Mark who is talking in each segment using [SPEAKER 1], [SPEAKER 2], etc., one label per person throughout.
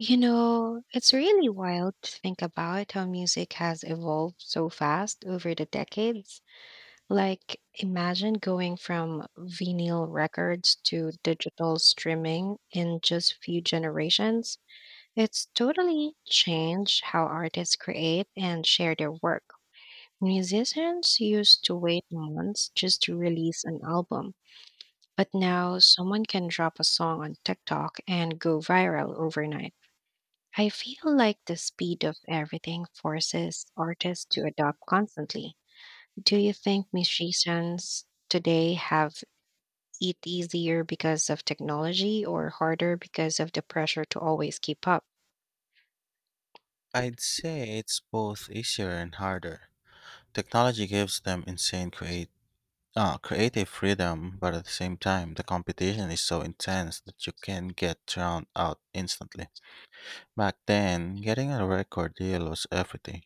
[SPEAKER 1] You know, it's really wild to think about how music has evolved so fast over the decades. Like, imagine going from vinyl records to digital streaming in just few generations. It's totally changed how artists create and share their work. Musicians used to wait months just to release an album, but now someone can drop a song on TikTok and go viral overnight. I feel like the speed of everything forces artists to adapt constantly. Do you think musicians today have it easier because of technology or harder because of the pressure to always keep up?
[SPEAKER 2] I'd say it's both easier and harder. Technology gives them creative freedom, but at the same time, the competition is so intense that you can get drowned out instantly. Back then, getting a record deal was everything.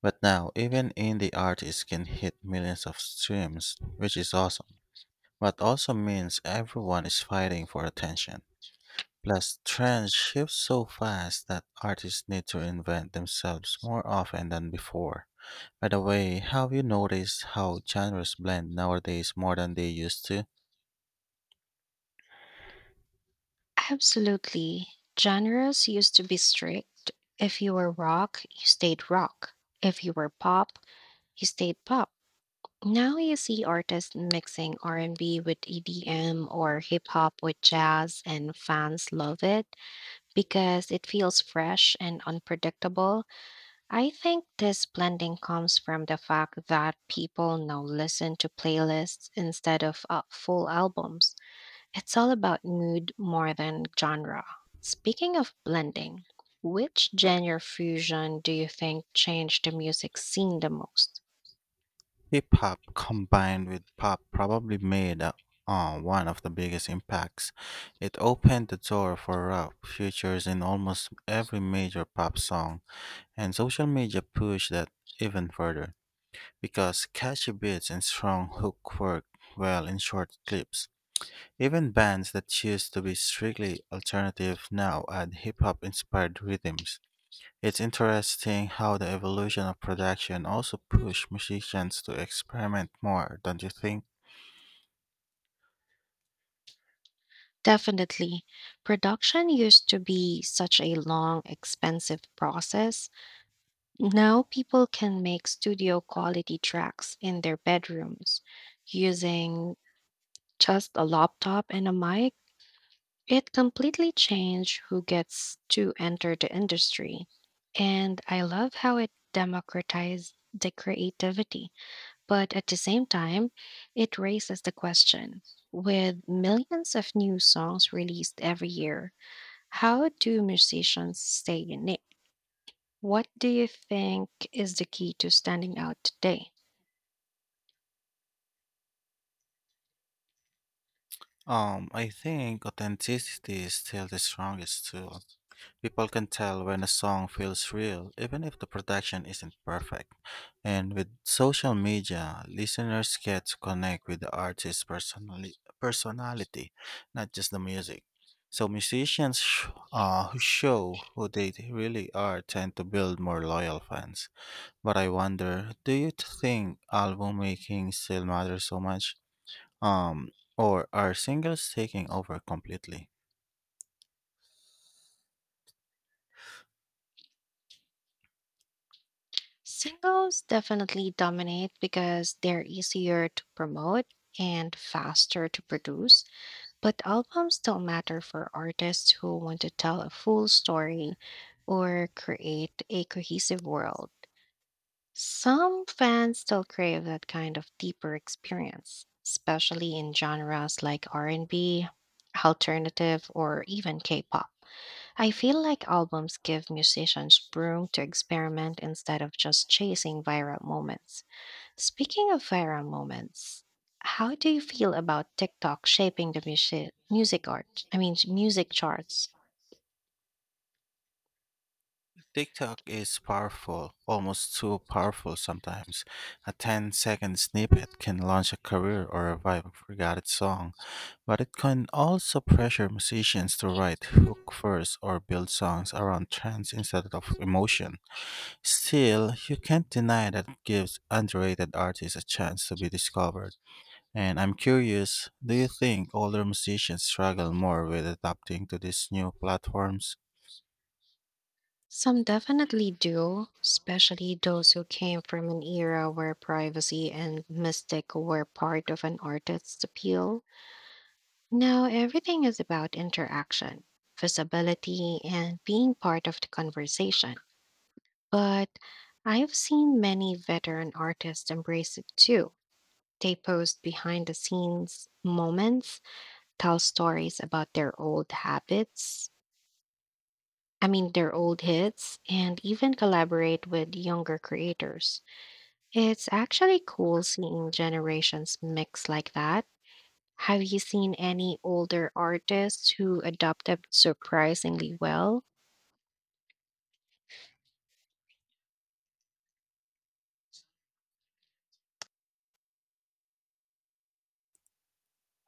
[SPEAKER 2] But now, even indie artists can hit millions of streams, which is awesome. But also means everyone is fighting for attention. Plus, trends shift so fast that artists need to reinvent themselves more often than before. By the way, have you noticed how genres blend nowadays more than they used to?
[SPEAKER 1] Absolutely. Genres used to be strict. If you were rock, you stayed rock. If you were pop, you stayed pop. Now you see artists mixing R&B with EDM or hip hop with jazz and fans love it, because it feels fresh and unpredictable. I think this blending comes from the fact that people now listen to playlists instead of full albums. It's all about mood more than genre. Speaking of blending, which genre fusion do you think changed the music scene the most?
[SPEAKER 2] Hip hop combined with pop probably made one of the biggest impacts. It opened the door for rap features in almost every major pop song, and social media pushed that even further because catchy beats and strong hook work well in short clips. Even bands that used to be strictly alternative now add hip hop inspired rhythms. It's interesting how the evolution of production also pushed musicians to experiment more, don't you think?
[SPEAKER 1] Definitely. Production used to be such a long, expensive process. Now people can make studio quality tracks in their bedrooms using just a laptop and a mic. It completely changed who gets to enter the industry. And I love how it democratized the creativity. But at the same time, it raises the question, with millions of new songs released every year, how do musicians stay unique? What do you think is the key to standing out today?
[SPEAKER 2] I think authenticity is still the strongest tool. People can tell when a song feels real, even if the production isn't perfect. And with social media, listeners get to connect with the personality, not just the music. So musicians who show who they really are tend to build more loyal fans. But I wonder, do you think album making still matters so much? Um, or are singles taking over completely?
[SPEAKER 1] Singles definitely dominate because they're easier to promote and faster to produce, but albums still matter for artists who want to tell a full story or create a cohesive world. Some fans still crave that kind of deeper experience, especially in genres like R&B, alternative, or even K-pop. I feel like albums give musicians room to experiment instead of just chasing viral moments. Speaking of viral moments, how do you feel about TikTok shaping the music music art? I mean, music charts?
[SPEAKER 2] TikTok is powerful, almost too powerful sometimes. A 10-second snippet can launch a career or revive a forgotten song, but it can also pressure musicians to write hook first or build songs around trends instead of emotion. Still, you can't deny that it gives underrated artists a chance to be discovered. And I'm curious, do you think older musicians struggle more with adapting to these new platforms?
[SPEAKER 1] Some definitely do, especially those who came from an era where privacy and mystic were part of an artist's appeal. Now everything is about interaction, visibility, and being part of the conversation. But I've seen many veteran artists embrace it too. They post behind the scenes moments, tell stories about their old habits, I mean, their old hits, and even collaborate with younger creators. It's actually cool seeing generations mix like that. Have you seen any older artists who adapted surprisingly well?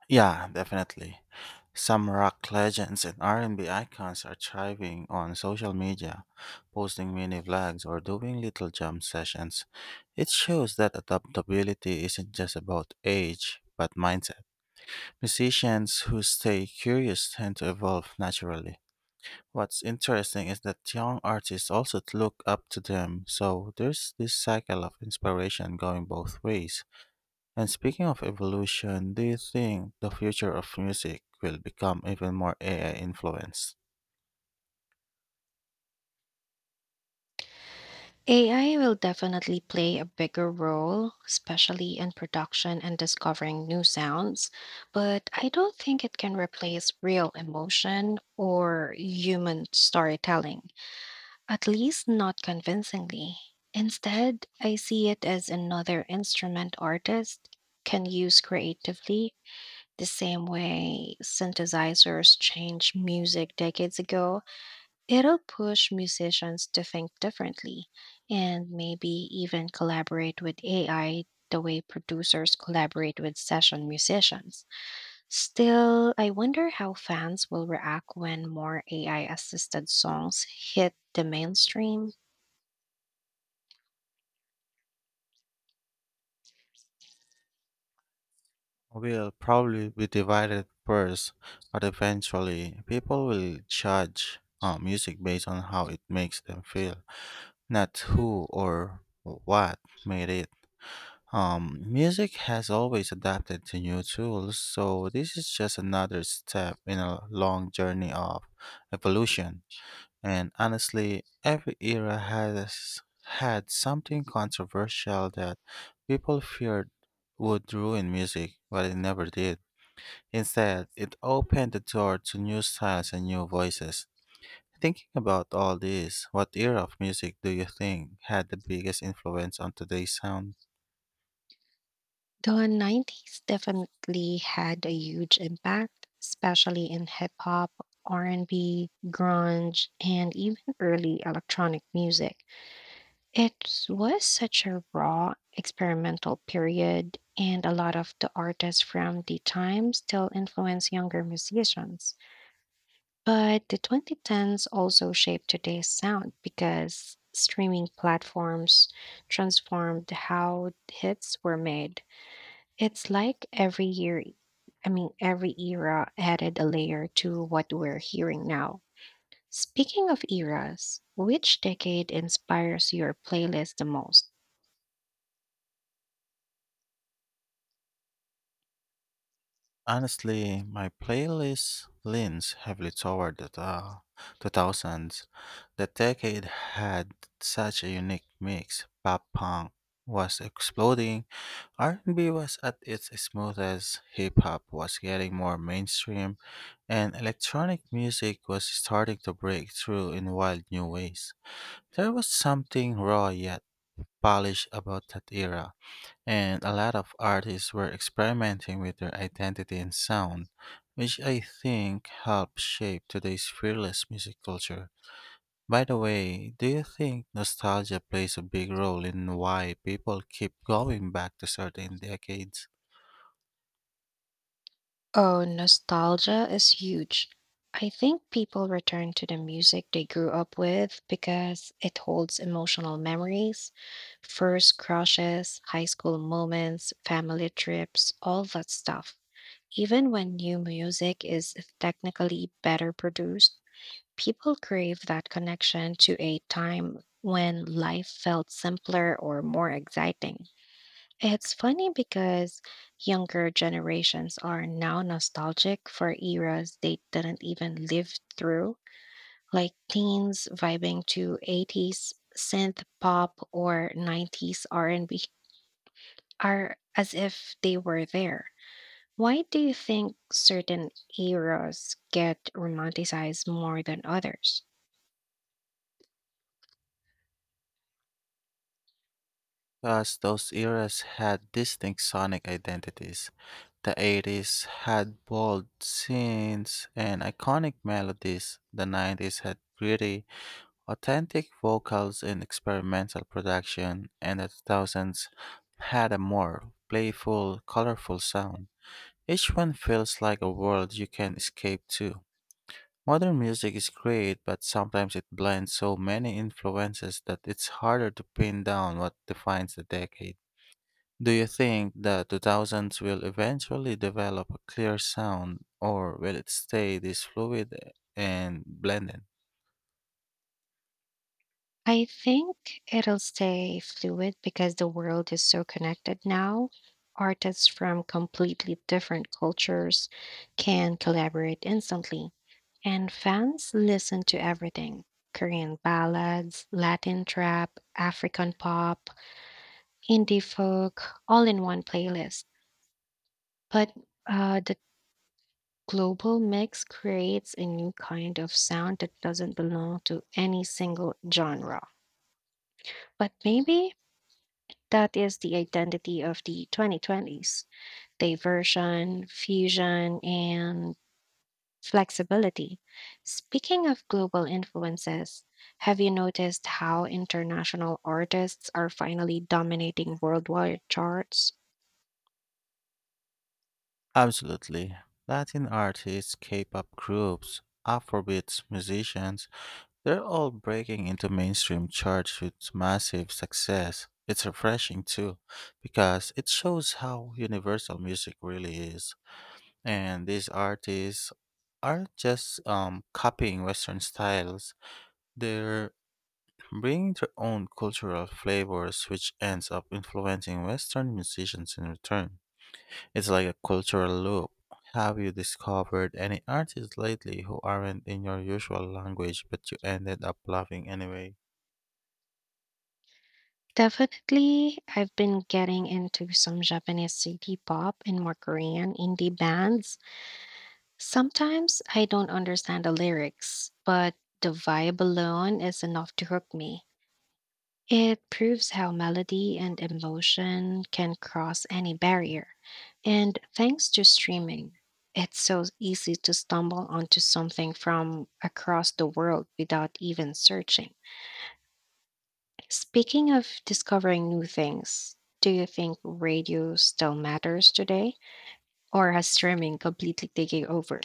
[SPEAKER 2] Yeah, definitely. Some rock legends and R&B icons are thriving on social media, posting mini vlogs or doing little jam sessions. It shows that adaptability isn't just about age, but mindset. Musicians who stay curious tend to evolve naturally. What's interesting is that young artists also look up to them, so there's this cycle of inspiration going both ways. And speaking of evolution, do you think the future of music will become even more AI influenced?
[SPEAKER 1] AI will definitely play a bigger role, especially in production and discovering new sounds, but I don't think it can replace real emotion or human storytelling, at least not convincingly. Instead, I see it as another instrument artist can use creatively, the same way synthesizers changed music decades ago. It'll push musicians to think differently and maybe even collaborate with AI the way producers collaborate with session musicians. Still, I wonder how fans will react when more AI assisted songs hit the mainstream.
[SPEAKER 2] Will probably be divided first, but eventually people will judge music based on how it makes them feel, not who or what made it. Music has always adapted to new tools, so this is just another step in a long journey of evolution. And honestly, every era has had something controversial that people feared would ruin music, but it never did. Instead, it opened the door to new styles and new voices. Thinking about all this, what era of music do you think had the biggest influence on today's sound?
[SPEAKER 1] The 90s definitely had a huge impact, especially in hip hop, R&B, grunge, and even early electronic music. It was such a raw experimental period, and a lot of the artists from the time still influence younger musicians. But the 2010s also shaped today's sound because streaming platforms transformed how hits were made. It's like every year, I mean, every era added a layer to what we're hearing now. Speaking of eras, which decade inspires your playlist the most?
[SPEAKER 2] Honestly, my playlist leans heavily toward the 2000s. That decade had such a unique mix. Pop punk was exploding, R&B was at its smoothest, hip hop was getting more mainstream, and electronic music was starting to break through in wild new ways. There was something raw yet polished about that era. And a lot of artists were experimenting with their identity and sound, which I think helped shape today's fearless music culture. By the way, do you think nostalgia plays a big role in why people keep going back to certain decades?
[SPEAKER 1] Oh, nostalgia is huge. I think people return to the music they grew up with because it holds emotional memories, first crushes, high school moments, family trips, all that stuff. Even when new music is technically better produced, people crave that connection to a time when life felt simpler or more exciting. It's funny because younger generations are now nostalgic for eras they didn't even live through, like teens vibing to 80s synth pop or 90s R&B are as if they were there. Why do you think certain eras get romanticized more than others?
[SPEAKER 2] Because those eras had distinct sonic identities. The 80s had bold scenes and iconic melodies. The 90s had gritty, authentic vocals in experimental production and the 2000s had a more playful, colorful sound. Each one feels like a world you can escape to. Modern music is great, but sometimes it blends so many influences that it's harder to pin down what defines the decade. Do you think the 2000s will eventually develop a clear sound, or will it stay this fluid and blended?
[SPEAKER 1] I think it'll stay fluid because the world is so connected now. Artists from completely different cultures can collaborate instantly, and fans listen to everything, Korean ballads, Latin trap, African pop, indie folk, all in one playlist. But the global mix creates a new kind of sound that doesn't belong to any single genre. But maybe that is the identity of the 2020s, diversion, fusion, and flexibility. Speaking of global influences, have you noticed how international artists are finally dominating worldwide charts?
[SPEAKER 2] Absolutely. Latin artists, K pop groups, Afrobeats musicians, they're all breaking into mainstream charts with massive success. It's refreshing too, because it shows how universal music really is. And these artists aren't just copying Western styles, they're bringing their own cultural flavors, which ends up influencing Western musicians in return. It's like a cultural loop. Have you discovered any artists lately who aren't in your usual language but you ended up loving anyway?
[SPEAKER 1] Definitely, I've been getting into some Japanese city pop and more Korean indie bands. Sometimes I don't understand the lyrics, but the vibe alone is enough to hook me. It proves how melody and emotion can cross any barrier. And thanks to streaming, it's so easy to stumble onto something from across the world without even searching. Speaking of discovering new things, do you think radio still matters today, or has streaming completely taken over?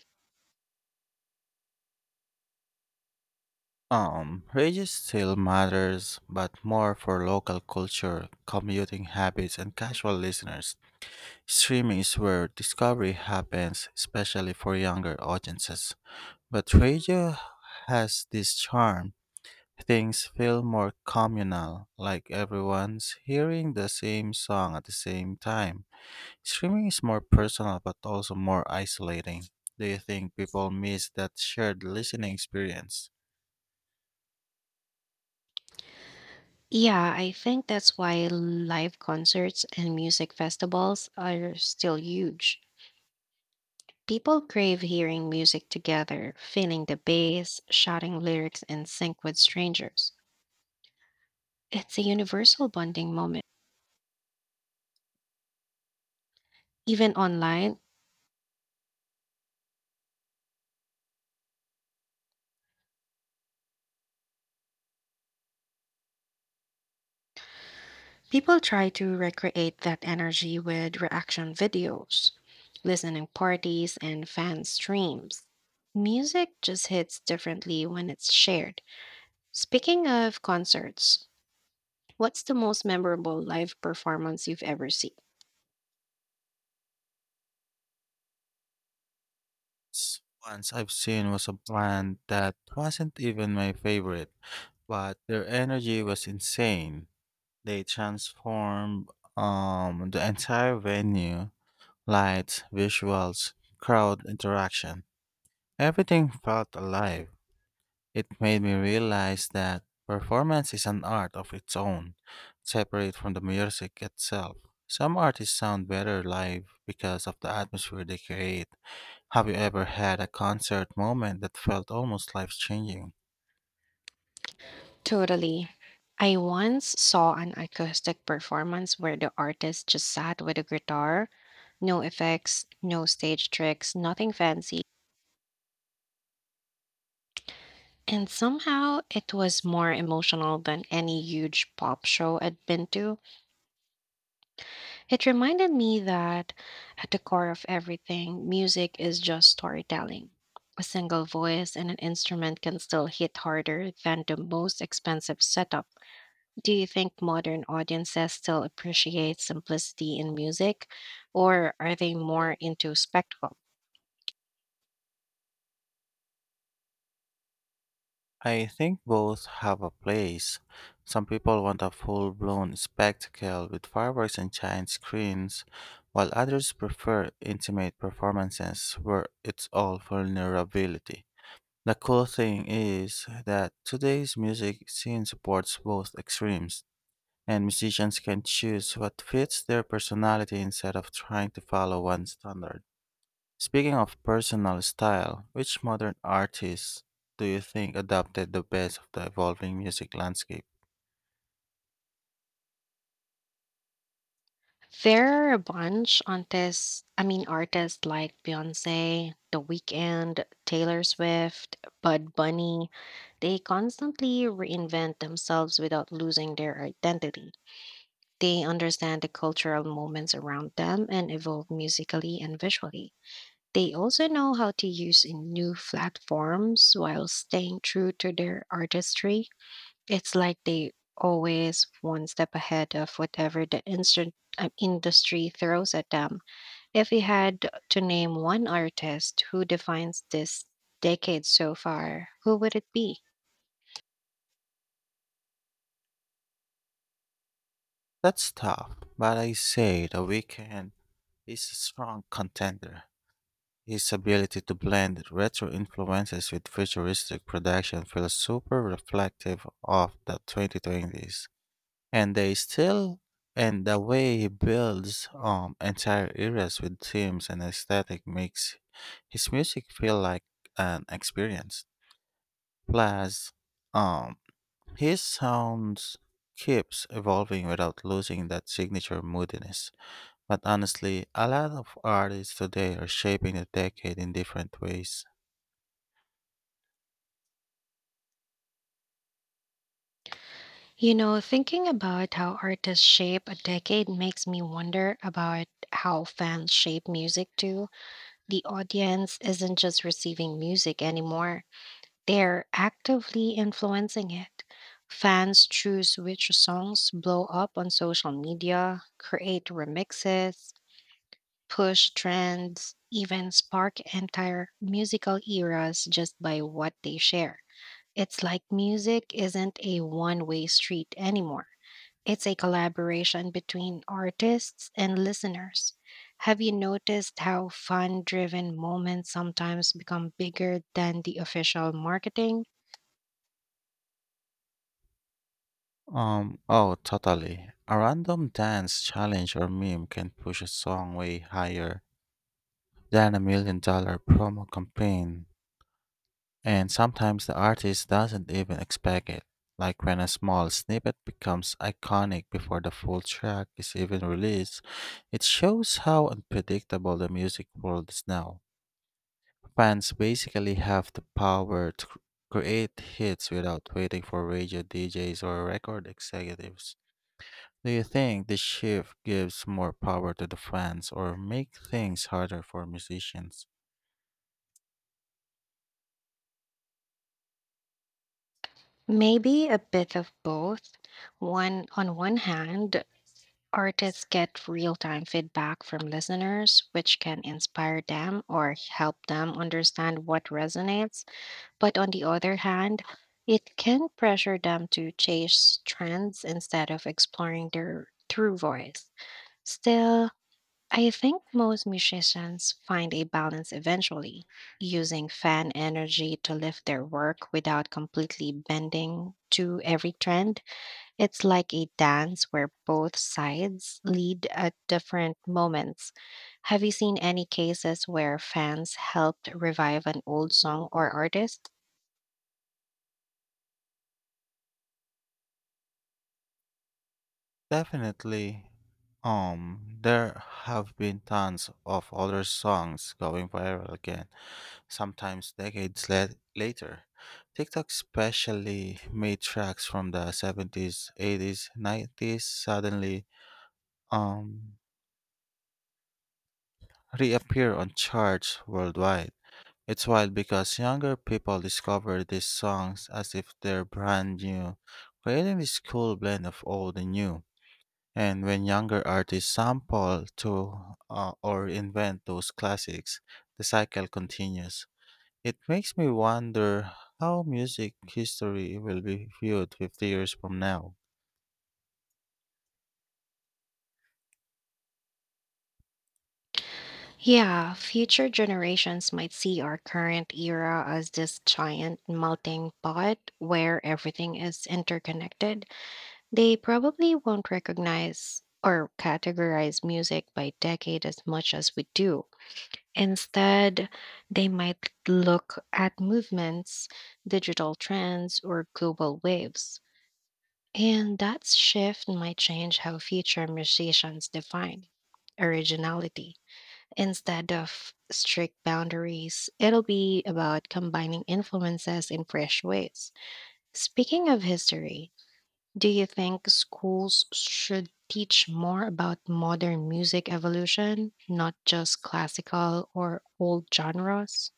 [SPEAKER 2] Rages still matters, but more for local culture, commuting habits, and casual listeners. Streaming is where discovery happens, especially for younger audiences. But radio has this charm. Things feel more communal, like everyone's hearing the same song at the same time. Streaming is more personal but also more isolating. Do you think people miss that shared listening experience?
[SPEAKER 1] Yeah, I think that's why live concerts and music festivals are still huge. People crave hearing music together, feeling the bass, shouting lyrics in sync with strangers. It's a universal bonding moment. Even online, people try to recreate that energy with reaction videos, listening parties, and fan streams. Music just hits differently when it's shared. Speaking of concerts, what's the most memorable live performance you've ever seen?
[SPEAKER 2] S- Once I've seen was a band that wasn't even my favorite, but their energy was insane. They transformed the entire venue, lights, visuals, crowd interaction. Everything felt alive. It made me realize that performance is an art of its own, separate from the music itself. Some artists sound better live because of the atmosphere they create. Have you ever had a concert moment that felt almost life changing?
[SPEAKER 1] Totally. I once saw an acoustic performance where the artist just sat with a guitar, no effects, no stage tricks, nothing fancy. And somehow it was more emotional than any huge pop show I'd been to. It reminded me that at the core of everything, music is just storytelling. A single voice and an instrument can still hit harder than the most expensive setup. Do you think modern audiences still appreciate simplicity in music, or are they more into spectacle?
[SPEAKER 2] I think both have a place. Some people want a full blown spectacle with fireworks and giant screens, while others prefer intimate performances where it's all vulnerability. The cool thing is that today's music scene supports both extremes, and musicians can choose what fits their personality instead of trying to follow one standard. Speaking of personal style, which modern artists do you think adopted the best of the evolving music landscape?
[SPEAKER 1] There are a bunch on artists like Beyonce, The Weeknd, Taylor Swift, Bud Bunny. They constantly reinvent themselves without losing their identity. They understand the cultural moments around them and evolve musically and visually. They also know how to use in new platforms while staying true to their artistry. It's like they always one step ahead of whatever the instant industry throws at them. If you had to name one artist who defines this decade so far, who would it be?
[SPEAKER 2] That's tough, but I say The Weeknd is a strong contender. His ability to blend retro influences with futuristic production feels super reflective of the 2020s. And they still, and the way he builds entire eras with themes and aesthetic makes his music feel like an experience. Plus, um, his sounds keeps evolving without losing that signature moodiness. But honestly, a lot of artists today are shaping the decade in different ways.
[SPEAKER 1] You know, thinking about how artists shape a decade makes me wonder about how fans shape music too. The audience isn't just receiving music anymore, they're actively influencing it. Fans choose which songs blow up on social media, create remixes, push trends, even spark entire musical eras just by what they share. It's like music isn't a one way street anymore. It's a collaboration between artists and listeners. Have you noticed how fan driven moments sometimes become bigger than the official marketing?
[SPEAKER 2] Oh, totally. A random dance challenge or meme can push a song way higher than $1 million promo campaign, and sometimes the artist doesn't even expect it. Like when a small snippet becomes iconic before the full track is even released, it shows how unpredictable the music world is now. Fans basically have the power to create hits without waiting for radio DJs or record executives. Do you think this shift gives more power to the fans or make things harder for musicians?
[SPEAKER 1] Maybe a bit of both. One on one hand, artists get real-time feedback from listeners, which can inspire them or help them understand what resonates. But on the other hand, it can pressure them to chase trends instead of exploring their true voice. Still, I think most musicians find a balance eventually, using fan energy to lift their work without completely bending to every trend. It's like a dance where both sides lead at different moments. Have you seen any cases where fans helped revive an old song or artist?
[SPEAKER 2] Definitely. There have been tons of other songs going viral again, sometimes decades later. TikTok especially made tracks from the 70s, 80s, 90s suddenly um reappear on charts worldwide. It's wild because younger people discover these songs as if they're brand new, creating this cool blend of old and new. And when younger artists sample to or invent those classics, the cycle continues. It makes me wonder how music history will be viewed 50 years from now.
[SPEAKER 1] Yeah, future generations might see our current era as this giant melting pot where everything is interconnected. They probably won't recognize or categorize music by decade as much as we do. Instead, they might look at movements, digital trends, or global waves. And that shift might change how future musicians define originality. Instead of strict boundaries, it'll be about combining influences in fresh ways. Speaking of history, do you think schools should teach more about modern music evolution, not just classical or old genres?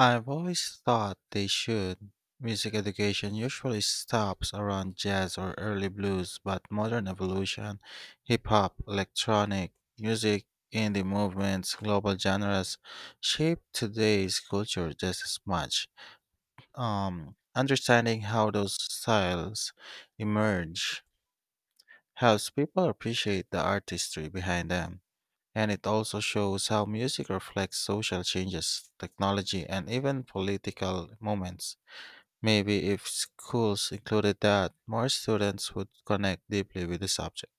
[SPEAKER 2] I've always thought they should. Music education usually stops around jazz or early blues, but modern evolution, hip hop, electronic music, indie movements, global genres shape today's culture just as much. Understanding how those styles emerge helps people appreciate the artistry behind them. And it also shows how music reflects social changes, technology, and even political moments. Maybe if schools included that, more students would connect deeply with the subject.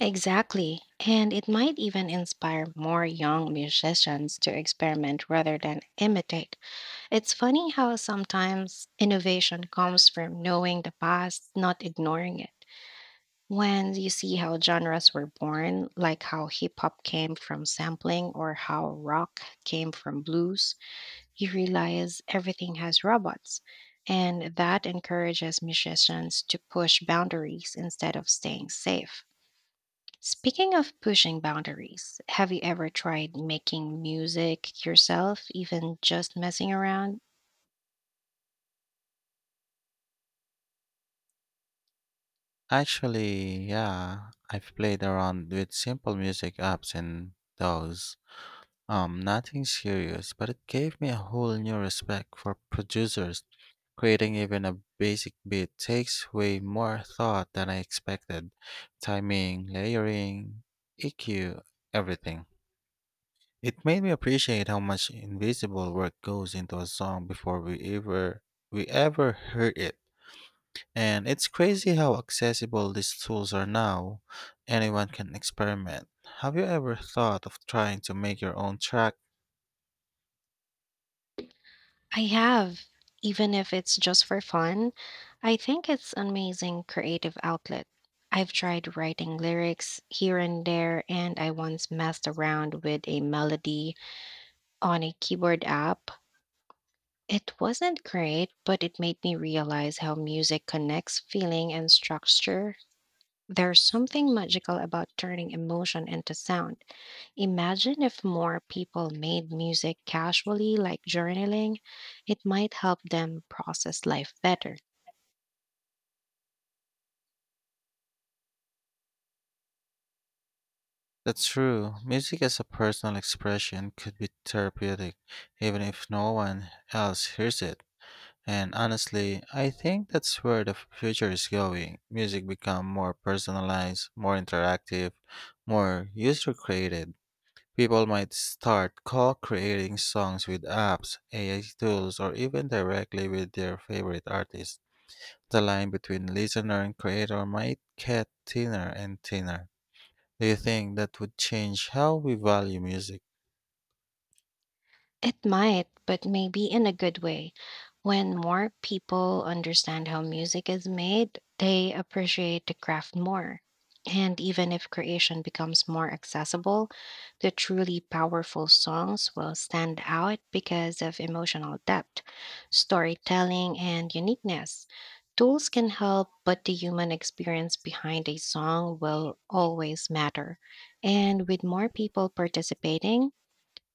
[SPEAKER 1] Exactly. And it might even inspire more young musicians to experiment rather than imitate. It's funny how sometimes innovation comes from knowing the past, not ignoring it. When you see how genres were born, like how hip hop came from sampling or how rock came from blues, you realize everything has robots, and that encourages musicians to push boundaries instead of staying safe. Speaking of pushing boundaries, have you ever tried making music yourself, even just messing around?
[SPEAKER 2] Actually, yeah, I've played around with simple music apps and those. Nothing serious, but it gave me a whole new respect for producers. Creating even a basic beat takes way more thought than I expected. Timing, layering, EQ, everything. It made me appreciate how much invisible work goes into a song before we ever heard it. And it's crazy how accessible these tools are now. Anyone can experiment. Have you ever thought of trying to make your own track?
[SPEAKER 1] I have, even if it's just for fun. I think it's an amazing creative outlet. I've tried writing lyrics here and there, and I once messed around with a melody on a keyboard app. It wasn't great, but it made me realize how music connects feeling and structure. There's something magical about turning emotion into sound. Imagine if more people made music casually, like journaling, it might help them process life better.
[SPEAKER 2] That's true. Music as a personal expression could be therapeutic, even if no one else hears it. And honestly, I think that's where the future is going. Music become more personalized, more interactive, more user created. People might start co-creating songs with apps, AI tools, or even directly with their favorite artists. The line between listener and creator might get thinner and thinner. Do you think that would change how we value music?
[SPEAKER 1] It might, but maybe in a good way. When more people understand how music is made, they appreciate the craft more. And even if creation becomes more accessible, the truly powerful songs will stand out because of emotional depth, storytelling, and uniqueness. Tools can help, but the human experience behind a song will always matter. And with more people participating,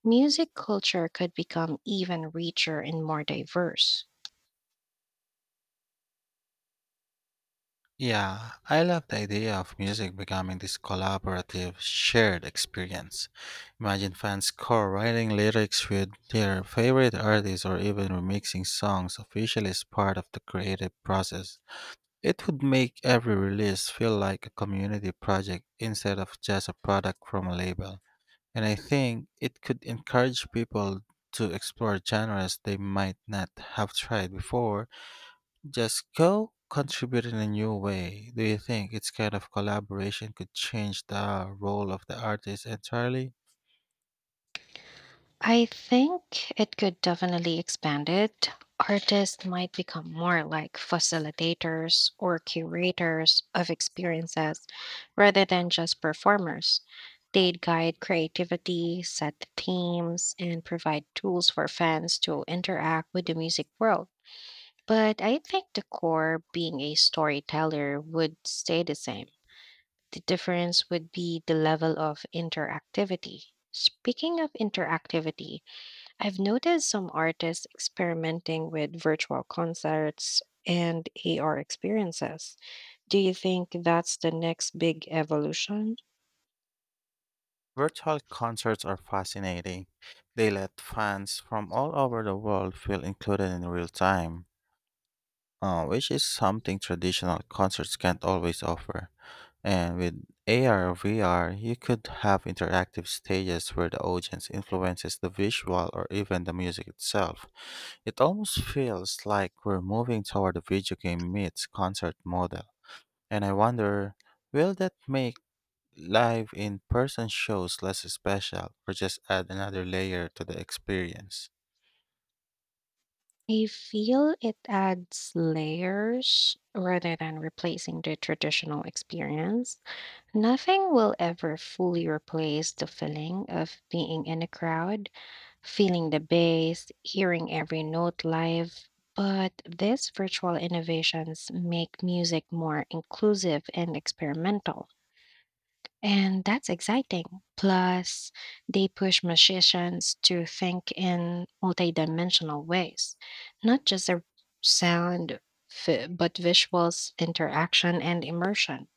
[SPEAKER 1] music culture could become even richer and more diverse.
[SPEAKER 2] Yeah, I love the idea of music becoming this collaborative, shared experience. Imagine fans co-writing lyrics with their favorite artists or even remixing songs officially as part of the creative process. It would make every release feel like a community project instead of just a product from a label. And I think it could encourage people to explore genres they might not have tried before. Just go contribute in a new way. Do you think its kind of collaboration could change the role of the artist entirely?
[SPEAKER 1] I think it could definitely expand it. Artists might become more like facilitators or curators of experiences rather than just performers. They'd guide creativity, set the themes, and provide tools for fans to interact with the music world. But I think the core, being a storyteller, would stay the same. The difference would be the level of interactivity. Speaking of interactivity, I've noticed some artists experimenting with virtual concerts and AR experiences. Do you think that's the next big evolution?
[SPEAKER 2] Virtual concerts are fascinating. They let fans from all over the world feel included in real time, which is something traditional concerts can't always offer. And with AR or VR, you could have interactive stages where the audience influences the visual or even the music itself. It almost feels like we're moving toward a video game meets concert model. And I wonder, will that make live in person shows less special or just add another layer to the experience?
[SPEAKER 1] I feel it adds layers rather than replacing the traditional experience. Nothing will ever fully replace the feeling of being in a crowd, feeling the bass, hearing every note live. But these virtual innovations make music more inclusive and experimental. And that's exciting. Plus, they push musicians to think in multidimensional ways, not just a sound, but visuals, interaction, and immersion.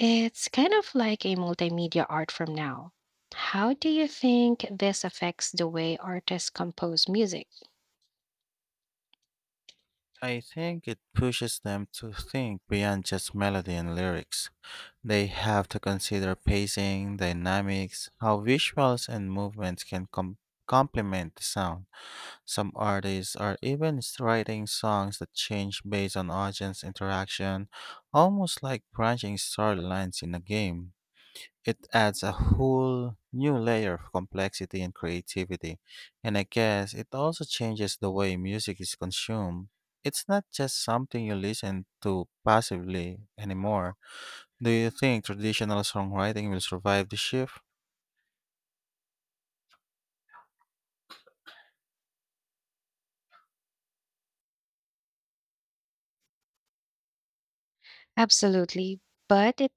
[SPEAKER 1] It's kind of like a multimedia art from now. How do you think this affects the way artists compose music?
[SPEAKER 2] I think it pushes them to think beyond just melody and lyrics. They have to consider pacing, dynamics, how visuals and movements can complement the sound. Some artists are writing songs that change based on audience interaction, almost like branching storylines in a game. It adds a whole new layer of complexity and creativity, and I guess it also changes the way music is consumed. It's not just something you listen to passively anymore. Do you think traditional songwriting will survive the shift?
[SPEAKER 1] Absolutely, but it